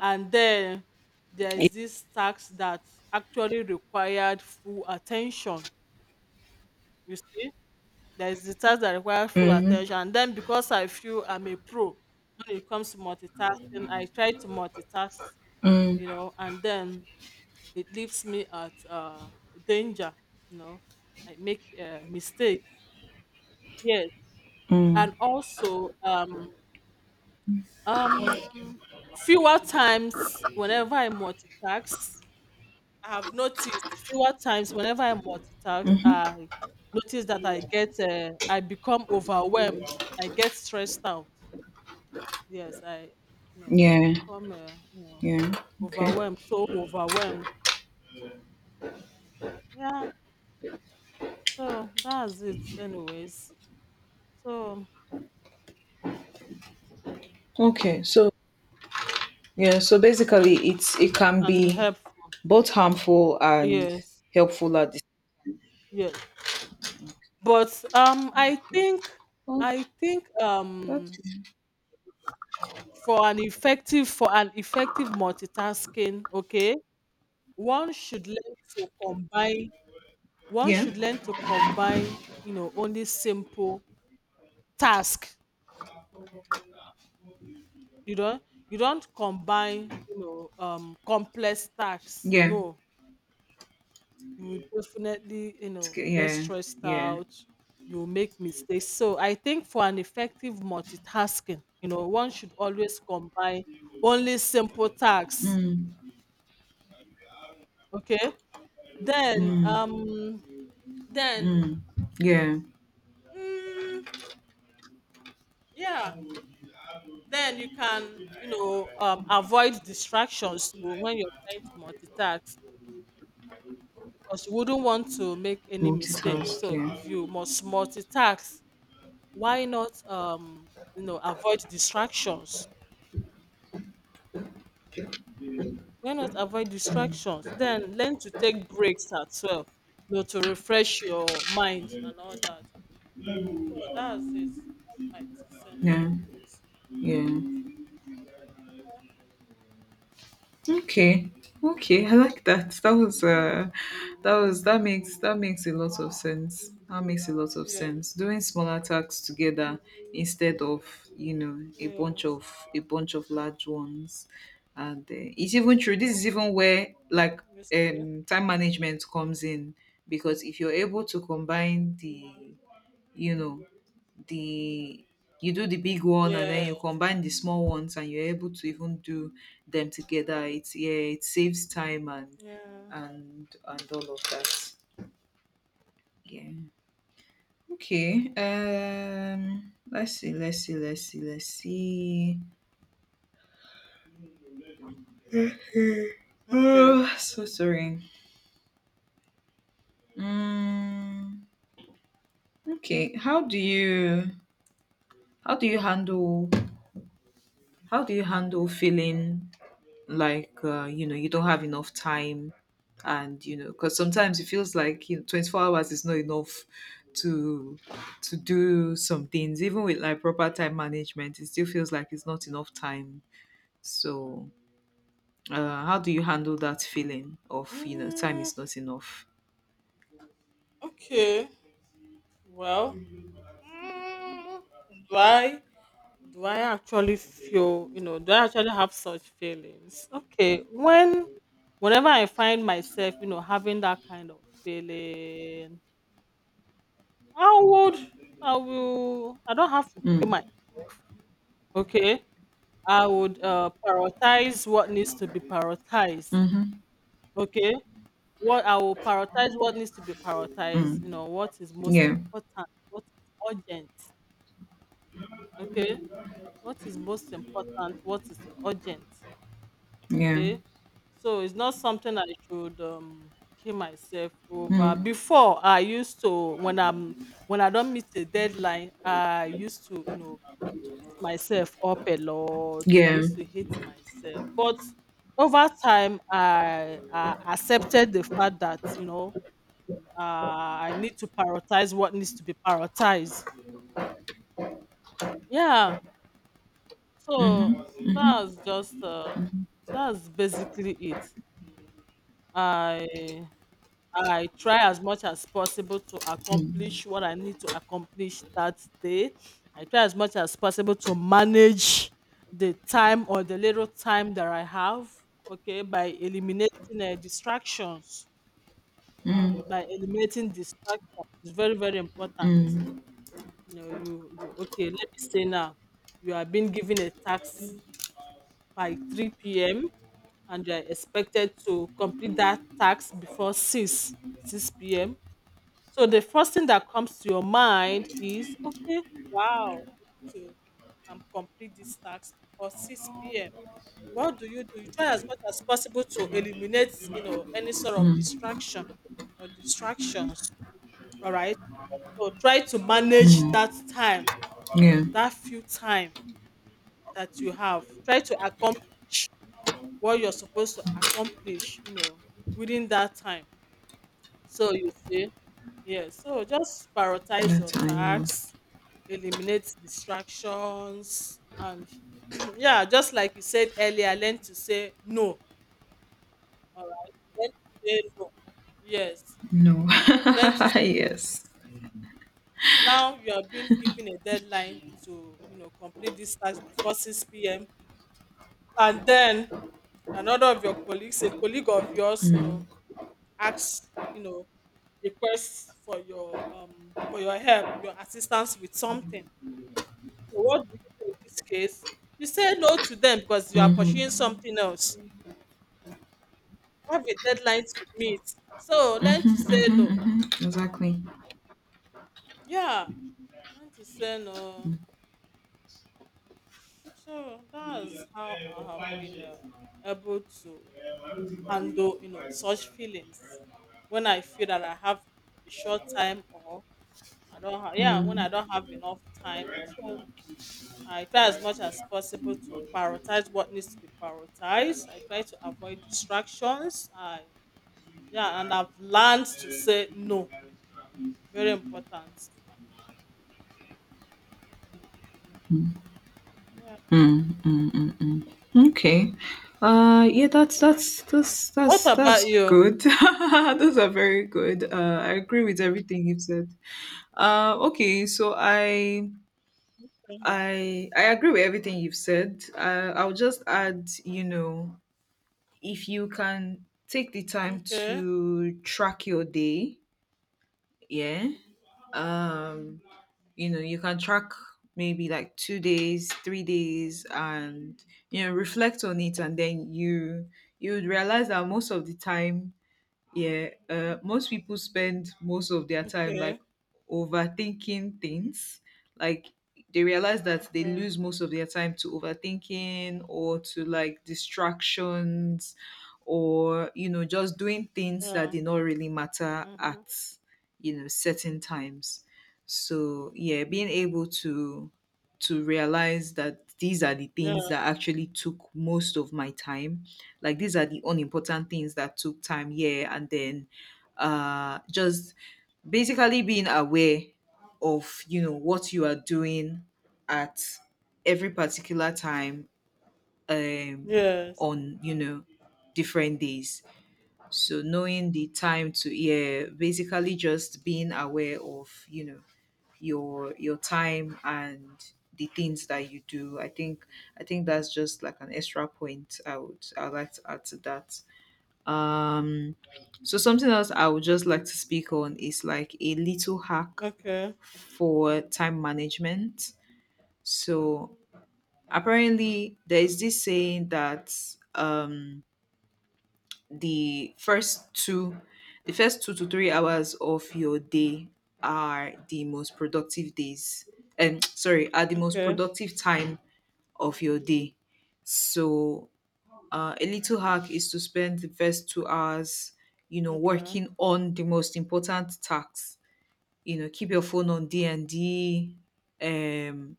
Speaker 1: and then there
Speaker 2: Yeah,
Speaker 1: is this task that actually required full attention. You see, there is the task that requires full
Speaker 2: mm-hmm.
Speaker 1: attention. And then because I feel I'm a pro when it comes to multitasking, I try to multitask,
Speaker 2: Mm,
Speaker 1: you know, and then it leaves me at danger, you know. I make mistakes. Yes.
Speaker 2: mm.
Speaker 1: And also, Um, fewer times whenever I multitask, I have noticed, fewer times whenever I multitask, I notice that I get, I become overwhelmed. I get stressed out. Yes, I, you know,
Speaker 2: Yeah.
Speaker 1: become,
Speaker 2: Yeah. Okay.
Speaker 1: overwhelmed. So overwhelmed. Yeah. So that's it, anyways. So
Speaker 2: Okay. So yeah. So basically, it can
Speaker 1: and
Speaker 2: be
Speaker 1: helpful.
Speaker 2: both harmful and
Speaker 1: Yes.
Speaker 2: helpful at the
Speaker 1: Yes. But
Speaker 2: same. Well,
Speaker 1: I think.
Speaker 2: that's,
Speaker 1: For an effective multitasking, okay, one should learn to combine one
Speaker 2: yeah.
Speaker 1: should learn to combine, you know, only simple task. You don't you don't combine, you know, complex tasks.
Speaker 2: Yeah.
Speaker 1: No. You will definitely, you
Speaker 2: It's
Speaker 1: know,
Speaker 2: good.
Speaker 1: get
Speaker 2: Yeah.
Speaker 1: stressed
Speaker 2: Yeah.
Speaker 1: out, you will make mistakes. So I think for an effective multitasking, you know, one should always combine only simple tasks.
Speaker 2: Mm.
Speaker 1: Okay. Then
Speaker 2: Mm.
Speaker 1: um then
Speaker 2: Mm. Yeah.
Speaker 1: mm, yeah, then you can, you know, avoid distractions too when you're trying to multitask, because you wouldn't want to make any mistake.
Speaker 2: Multitask.
Speaker 1: So
Speaker 2: Yeah.
Speaker 1: if you must multitask, why not, you know, avoid distractions? Why not avoid distractions? Then learn to take breaks as well, you know, to refresh your mind and all that. So that's it, that's my 2 cents,
Speaker 2: Yeah.
Speaker 1: anyways.
Speaker 2: Yeah. Okay. Okay, I
Speaker 1: Mhm.
Speaker 2: like that. That was that was that makes a lot of sense. That makes a lot of
Speaker 1: Yeah,
Speaker 2: sense. Doing smaller tasks together instead of, a
Speaker 1: yeah.
Speaker 2: bunch of a bunch of large ones. And it's even true. This is even where, like,
Speaker 1: Yes.
Speaker 2: time management comes in, because if you're able to combine the you know the you do the big one, and
Speaker 1: Yeah.
Speaker 2: then you combine the small ones, and you're able to even do them together. It's Yeah, it saves time,
Speaker 1: Yeah.
Speaker 2: and all of that. Yeah. Okay. Let's see.
Speaker 1: Okay.
Speaker 2: Oh, so sorry. Mm, okay, how do you handle how do you handle feeling like, you don't have enough time? And because sometimes it feels like, 24 hours is not enough to do some things, even with like proper time management. It still feels like it's not enough time. So how do you handle that feeling of, time
Speaker 1: Mm,
Speaker 2: is not enough?
Speaker 1: okay. Well, mm, do I do I actually feel, you know? Do I actually have such feelings? Okay. When, whenever I find myself, you know, having that kind of feeling, I would, I will, I don't have to kill
Speaker 2: Mm.
Speaker 1: my. Okay. I would prioritize what needs to be prioritized.
Speaker 2: Mm-hmm.
Speaker 1: Okay. What I will prioritize what needs to be prioritized,
Speaker 2: Mm.
Speaker 1: you know, what is most
Speaker 2: Yeah.
Speaker 1: important, what is urgent, okay? What is most important, what is urgent,
Speaker 2: Yeah.
Speaker 1: okay? So it's not something I should kill myself over.
Speaker 2: Mm.
Speaker 1: Before I used to, when I don't meet a deadline, I used to, you know, beat myself up a lot. I
Speaker 2: Yeah.
Speaker 1: used to hate myself. But over time I accepted the fact that, you know, uh, I need to prioritize what needs to be prioritized. Yeah. So
Speaker 2: Mm-hmm.
Speaker 1: that's just that's basically it. I I try as much as possible to accomplish what I need to accomplish that day. I try as much as possible to manage the time, or the little time that I have. Okay, by eliminating distractions.
Speaker 2: Mm.
Speaker 1: By eliminating distractions, is very, very important.
Speaker 2: Mm.
Speaker 1: No, you, okay. Let me say now, you are being given a tax by 3 p.m. and you are expected to complete that tax before 6 p.m. So the first thing that comes to your mind is, okay, wow, I need to complete this tax before 6 p.m. What do? You try as much as possible to eliminate, you know, any sort of distraction
Speaker 2: Mm.
Speaker 1: or distractions. All right. So try to manage that
Speaker 2: Mm.
Speaker 1: time,
Speaker 2: Yeah.
Speaker 1: that few time that you have. Try to accomplish what you're supposed to accomplish, you know, within that time. So you see, yeah. So just prioritize
Speaker 2: That
Speaker 1: your
Speaker 2: time, yeah.
Speaker 1: tasks, eliminate distractions, and yeah, just like you said earlier, learn to say no. All right, learn to say no. Yes,
Speaker 2: No.
Speaker 1: learn to say.
Speaker 2: Yes.
Speaker 1: Now you are being given a deadline to complete this task before 6 p.m. and then another of your colleagues, a colleague of yours, asks, requests for your help, your assistance with something. So what do you do in this case? You say no to them because you are pursuing
Speaker 2: Mm-hmm.
Speaker 1: something else. You have a deadline to meet. So learn to say no.
Speaker 2: Mm-hmm. Exactly.
Speaker 1: Yeah. Learn to say no. So that's how I have been able to handle, such feelings when I feel that I have a short time or I don't have, yeah, when I don't have enough time. So I try as much as possible to prioritize what needs to be prioritized. I try to avoid distractions. Yeah, and I've learned to say no. Very important. Yeah.
Speaker 2: Mm-hmm. Okay. Yeah, that's that's that's
Speaker 1: What
Speaker 2: that's that's
Speaker 1: about you?
Speaker 2: good. Those are very good. I agree with everything you've said. Okay, so I agree with everything you've said. I'll just add, if you can take the time
Speaker 1: Okay.
Speaker 2: to track your day. Yeah. Um you can track maybe like 2 days, 3 days, and reflect on it, and then you would realize that, most of the time, yeah, most people spend most of their time,
Speaker 1: Okay.
Speaker 2: like, overthinking things. Like, they realize that they
Speaker 1: Okay.
Speaker 2: lose most of their time to overthinking, or to, like, distractions, or, just doing things that
Speaker 1: Yeah.
Speaker 2: did not really matter
Speaker 1: Mm-hmm.
Speaker 2: at, certain times. So yeah, being able to realize that these are the
Speaker 1: Yeah.
Speaker 2: things that actually took most of my time, like, these are the unimportant things that took time. Yeah. And then just basically being aware of what you are doing at every particular time, um
Speaker 1: Yes.
Speaker 2: on, different days. So knowing the time to, yeah, basically just being aware of, your time and the things that you do. I think that's just like an extra point I would like to add to that. um, so something else I would just like to speak on is like a little hack
Speaker 1: Okay.
Speaker 2: for time management. So apparently there is this saying that um the first two the first 2 to 3 hours of your day are the most productive days, and sorry, are the most
Speaker 1: Okay.
Speaker 2: productive time of your day. So a little hack is to spend the first 2 hours,
Speaker 1: Okay.
Speaker 2: working on the most important tasks. Keep your phone on D and D, um,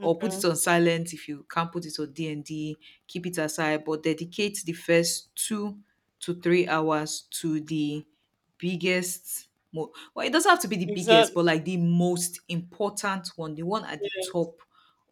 Speaker 2: or put it on silent if you can't put it on D and D. Keep it aside, but dedicate the first 2 to 3 hours to the biggest. Mo- well, it doesn't have to be the biggest,
Speaker 1: Exactly.
Speaker 2: but like the most important one, the one at the
Speaker 1: Yes.
Speaker 2: top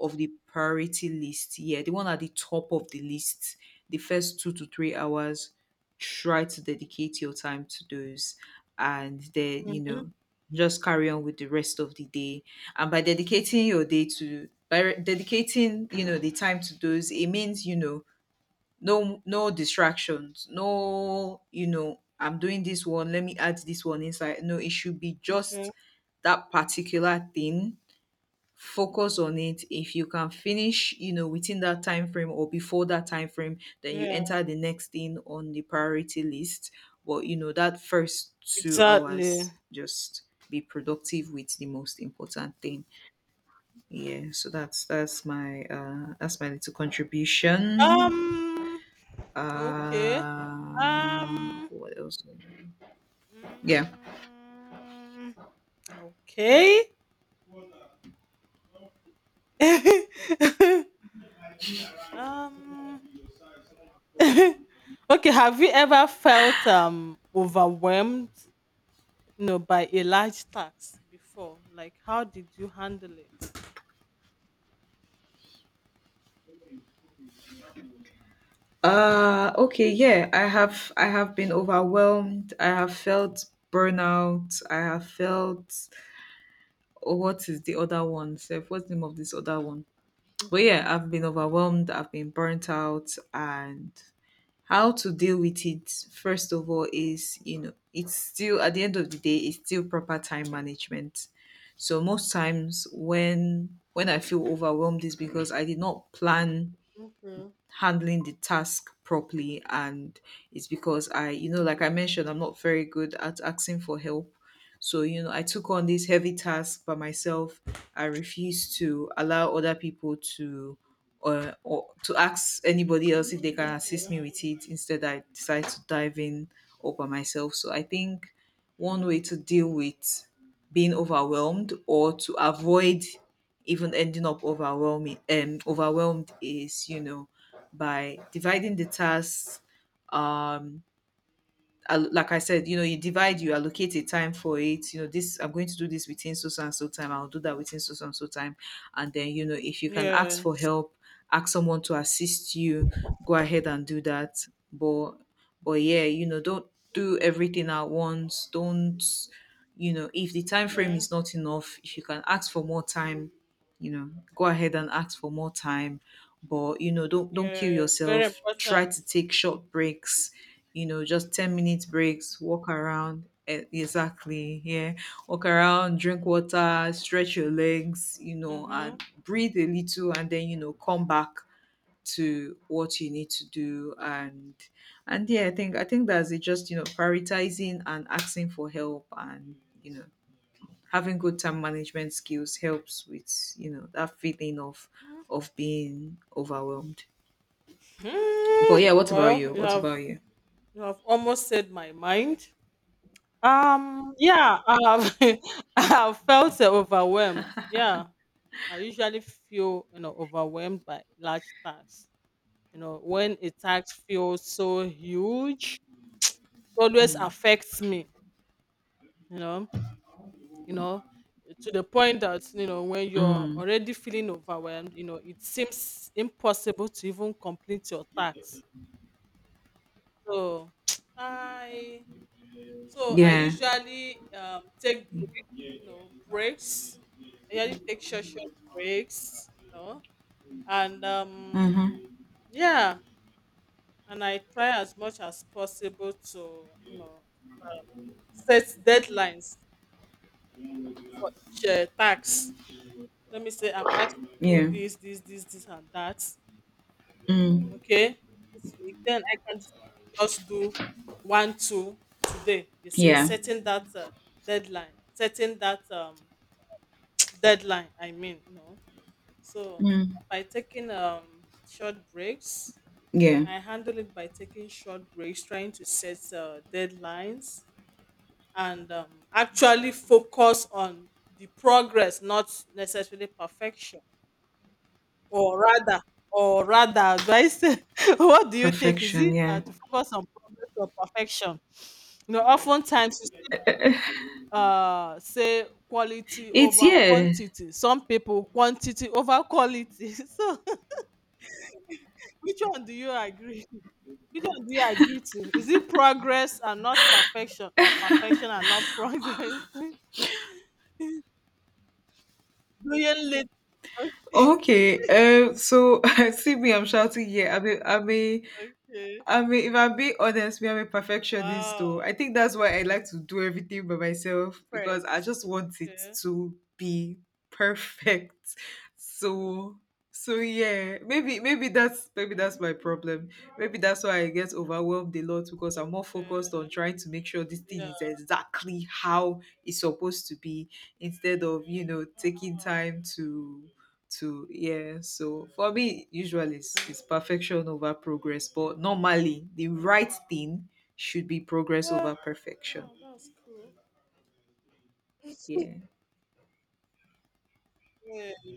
Speaker 2: of the priority list. Yeah, the one at the top of the list. The first 2 to 3 hours, try to dedicate your time to those. And then, you
Speaker 1: Mm-hmm.
Speaker 2: know, just carry on with the rest of the day. And by dedicating your day to, dedicating, you know, the time to those, it means, you know, no distractions. No, you know, I'm doing this one, let me add this one inside. No, it should be
Speaker 1: Okay.
Speaker 2: just that particular thing. Focus on it. If you can finish, you know, within that time frame or before that time frame, then you
Speaker 1: Yeah.
Speaker 2: enter the next thing on the priority list. But you know, that first two
Speaker 1: Exactly.
Speaker 2: hours just be productive with the most important thing. Yeah, so that's my that's my little contribution.
Speaker 1: Um.
Speaker 2: Uh,
Speaker 1: Okay. Um.
Speaker 2: what else? Yeah.
Speaker 1: mm, okay. um. okay. Have you ever felt overwhelmed, by a large tax before? Like, how did you handle it?
Speaker 2: Okay, yeah. I have been overwhelmed. I have felt burnout. I have felt, oh, what is the other one? Self, what's the name of this other one? But
Speaker 1: Okay.
Speaker 2: yeah, I've been overwhelmed, I've been burnt out. And how to deal with it, first of all, is, you know, it's still, at the end of the day, it's still proper time management. So most times when I feel overwhelmed is because I did not plan
Speaker 1: Okay.
Speaker 2: handling the task properly. And it's because I, you know, like I
Speaker 1: Okay.
Speaker 2: mentioned, I'm not very good at asking for help. So you know, I took on this heavy task by myself. I refused to allow other people to, or to ask anybody else if they
Speaker 1: Mm,
Speaker 2: can assist me with it. Instead, I decided to dive in all by myself. So I think one way to deal with being overwhelmed, or to avoid even ending up overwhelming overwhelmed is, you know, by dividing the tasks. um like I said, you know, you divide, you allocate a time for it. You know, this, I'm going to do this within so so and so time. I'll do that within so so and so time. And then you know, if you can ask for
Speaker 1: yes.
Speaker 2: help, ask someone to assist you. Go ahead and do that. But but yeah, you know, don't do everything at once. Don't, you know, if the time frame
Speaker 1: Okay.
Speaker 2: is not enough, if you can ask for more time, you know, go ahead and ask for more time. But you know, don't kill
Speaker 1: Yes. Very
Speaker 2: yourself.
Speaker 1: important.
Speaker 2: Try to take short breaks, you know, just 10 minutes breaks, walk around. Exactly. Yeah. Walk around, drink water, stretch your legs, you know,
Speaker 1: Mm-hmm.
Speaker 2: and breathe a little, and then, you know, come back to what you need to do. And I think that's it. Just, you know, prioritizing and asking for help, and you know, having good time management skills helps with, you know, that feeling
Speaker 1: Mm,
Speaker 2: of being overwhelmed. But yeah, what about
Speaker 1: well,
Speaker 2: you?
Speaker 1: you have You have almost said my mind. Yeah, I have felt overwhelmed. Yeah, I usually feel overwhelmed by large tasks. When a task feels so huge, it always
Speaker 2: Mm.
Speaker 1: affects me. You know, you know, to the point that when you're
Speaker 2: Mm.
Speaker 1: already feeling overwhelmed, it seems impossible to even complete your task. So I I
Speaker 2: Yeah.
Speaker 1: usually take breaks, breaks. I usually take short, short breaks, and
Speaker 2: Mhm.
Speaker 1: yeah, and I try as much as possible to, you know, set deadlines for each tax. Let me say I'm asked to do
Speaker 2: Yeah.
Speaker 1: this, this, this, this, and that.
Speaker 2: Mm.
Speaker 1: Okay, this week, then I can just do one, two today. You see,
Speaker 2: Yeah.
Speaker 1: setting that deadline, setting that deadline, I mean no. So
Speaker 2: Mm.
Speaker 1: by taking short breaks,
Speaker 2: Yeah.
Speaker 1: I handle it by taking short breaks, trying to set deadlines, and actually focus on the progress, not necessarily perfection. or rather or rather, do I say, what do you think? Is
Speaker 2: Perfection.
Speaker 1: it
Speaker 2: Yeah.
Speaker 1: to focus on progress or perfection? Oftentimes, say quality
Speaker 2: It's
Speaker 1: over
Speaker 2: yeah.
Speaker 1: quantity, some people quantity over quality. So which one do you agree, which one do you agree to? Is it progress and not perfection, or perfection and not progress? Doing late. Okay.
Speaker 2: Okay. So I see me. I'm shouting. Yeah. I'm a. I'm a.
Speaker 1: Okay.
Speaker 2: I mean, if I'm being honest, me, I'm a perfectionist though.
Speaker 1: Wow.
Speaker 2: I think that's why I like to do everything by myself,
Speaker 1: Fred.
Speaker 2: because I just want it
Speaker 1: Okay.
Speaker 2: to be perfect. So so yeah, maybe that's maybe that's my problem. Maybe that's why I get overwhelmed a lot, because I'm more
Speaker 1: Okay.
Speaker 2: focused on trying to make sure this thing
Speaker 1: Yeah.
Speaker 2: is exactly how it's supposed to be, instead of, you know, taking
Speaker 1: Wow.
Speaker 2: time to yeah. So for me, usually
Speaker 1: Mm.
Speaker 2: it's perfection over progress, but normally the
Speaker 1: Mm.
Speaker 2: right thing should be progress
Speaker 1: Yeah.
Speaker 2: over perfection.
Speaker 1: Wow, that's cool.
Speaker 2: Yeah,
Speaker 1: Yeah.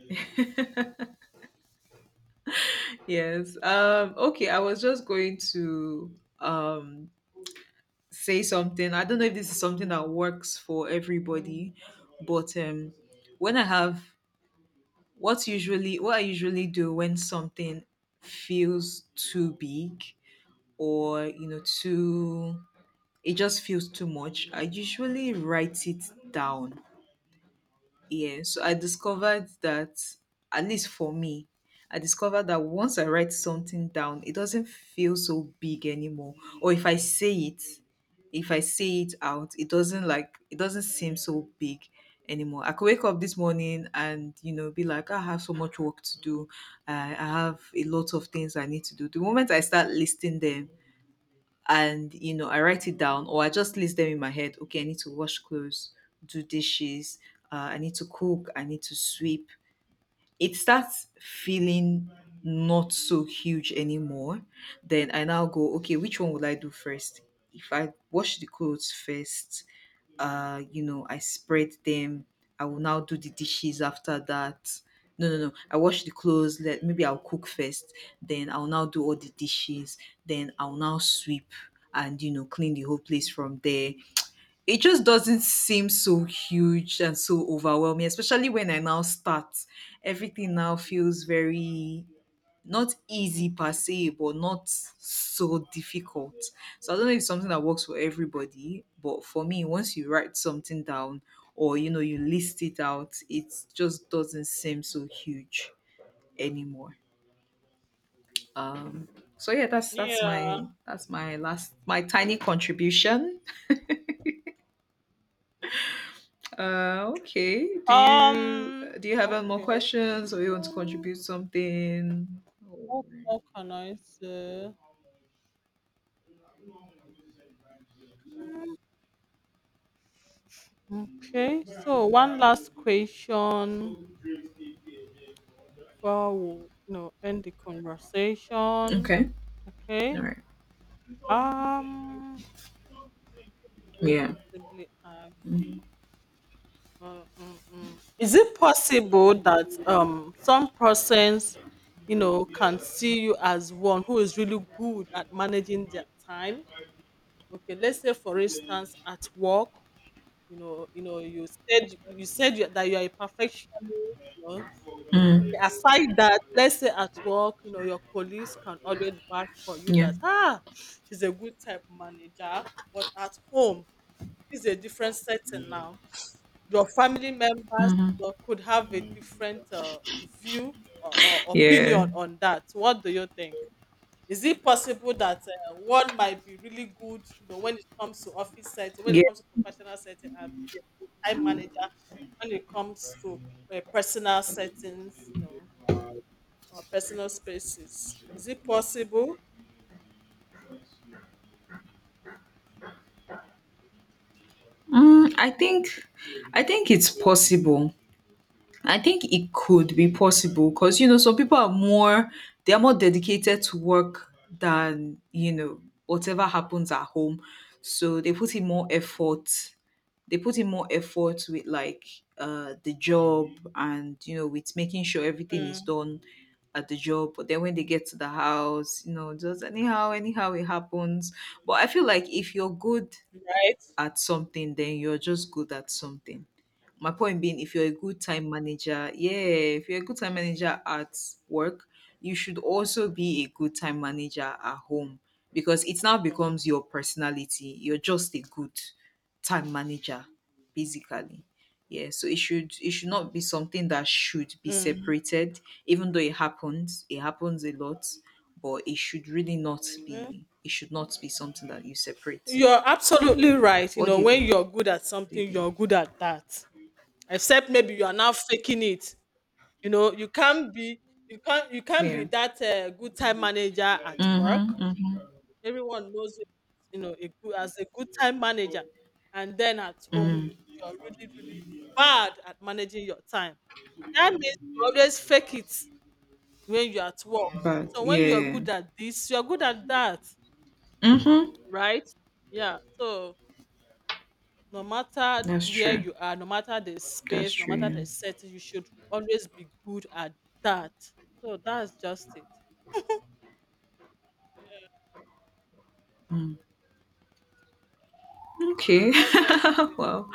Speaker 2: yes, okay, I was just going to um say something. I don't know if this is something that works for everybody, but when I have what I usually do when something feels too big, or you know, too, it just feels too much. I usually write it down. Yeah. So I discovered that, at least for me, I discovered that once I write something down, it doesn't feel so big anymore. Or if I say it, If I say it out, it doesn't like it doesn't seem so big anymore. I could wake up this morning and you know, be like, I have so much work to do. I have a lot of things I need to do. The moment I start listing them, and you know, I write it down, or I just list them in my head. Okay, I need to wash clothes, do dishes, I need to cook, I need to sweep. It starts feeling not so huge anymore. Then I now go, okay, which one would I do first? If I wash the clothes first, you know, I spread them, I will now do the dishes after that. No, no, no. I wash the clothes. Let maybe I'll cook first. Then I'll now do all the dishes. Then I'll now sweep and you know, clean the whole place from there. It just doesn't seem so huge and so overwhelming, especially when I now start. Everything now feels very, not easy per
Speaker 1: Mhm.
Speaker 2: se, but not so difficult. So I don't know if it's something that works for everybody, but for me, once you write something down or you know, you list it out, it just doesn't seem so huge anymore. Um, so yeah, that's
Speaker 1: Yeah.
Speaker 2: my that's my last my tiny contribution. Okay.
Speaker 1: um
Speaker 2: Do you have any more
Speaker 1: okay.
Speaker 2: questions, or you want to contribute something?
Speaker 1: What more can I say? Mm. Okay, so one last question before we end the conversation.
Speaker 2: Okay.
Speaker 1: Okay.
Speaker 2: All right.
Speaker 1: Um
Speaker 2: Yeah.
Speaker 1: possibly ask, mm. Is it possible that some persons can see you as one who is really good at managing their time? Okay, let's say for instance at work. You said that you are a perfectionist. You know? Okay,
Speaker 2: Mm.
Speaker 1: aside that, let's say at work, your colleagues can always vouch for you
Speaker 2: Yeah.
Speaker 1: that, ah, she's a good type manager. But at home, it's a different setting now. Your family members
Speaker 2: Hmm.
Speaker 1: could have a different view or
Speaker 2: Yeah.
Speaker 1: opinion on that. What do you think? Is it possible that one might be really good, when it comes to office setting, when
Speaker 2: Yeah.
Speaker 1: it comes to professional setting, and be a time manager, when it comes to personal settings, or personal spaces? Is it possible?
Speaker 2: Mm, I think it's possible. I think it could be possible, because you know, some people are more dedicated to work than you know, whatever happens at home. So they put in more effort. They put in more effort with like the job, and you know, with making sure everything is
Speaker 1: Mm,
Speaker 2: done at the job. But then when they get to the house, you know, just anyhow, anyhow it happens. But I feel like if you're good
Speaker 1: right.
Speaker 2: at something, then you're just good at something. My point being, if you're a good time manager, yeah, if you're a good time manager at work, you should also be a good time manager at home, because it now becomes your personality. You're just a good time manager, basically. Yeah, so it should not be something that should be separated, even though it happens. It happens a lot, but it should really not
Speaker 1: Mm.
Speaker 2: be. It should not be something that you separate.
Speaker 1: You're absolutely
Speaker 2: Yeah.
Speaker 1: right.
Speaker 2: What do you
Speaker 1: When you're
Speaker 2: think?
Speaker 1: good at
Speaker 2: do you
Speaker 1: something,
Speaker 2: think?
Speaker 1: you're good at that. Except maybe you are now faking it. You know, you can't be you can't be
Speaker 2: Yeah.
Speaker 1: that good time manager at
Speaker 2: Mhm.
Speaker 1: work.
Speaker 2: Mhm.
Speaker 1: Everyone knows you, as, a good time manager. And then at home,
Speaker 2: Mm.
Speaker 1: you are really, really bad at managing your time. That means you always fake it when you're at work.
Speaker 2: But
Speaker 1: So when you're
Speaker 2: yeah.
Speaker 1: good at this, you're good at that,
Speaker 2: Mhm.
Speaker 1: right? Yeah. So no matter
Speaker 2: That's
Speaker 1: where
Speaker 2: true.
Speaker 1: you are, no matter the
Speaker 2: That's
Speaker 1: space, no
Speaker 2: true.
Speaker 1: matter the
Speaker 2: Yeah.
Speaker 1: setting, you should always be good at that. So that's just it.
Speaker 2: Mm. Okay.
Speaker 1: Honestly,
Speaker 2: Wow.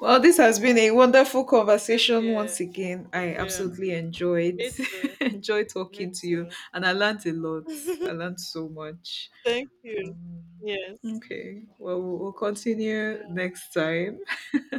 Speaker 2: Well, this has been a wonderful
Speaker 1: same
Speaker 2: conversation
Speaker 1: here.
Speaker 2: once again. I
Speaker 1: Yeah.
Speaker 2: absolutely enjoyed
Speaker 1: Me too.
Speaker 2: enjoyed
Speaker 1: Me
Speaker 2: talking to you, and I learned a lot.
Speaker 1: too.
Speaker 2: I learned so much.
Speaker 1: Thank you.
Speaker 2: Um,
Speaker 1: Yes.
Speaker 2: okay. Well, we'll continue
Speaker 1: Yeah.
Speaker 2: next time.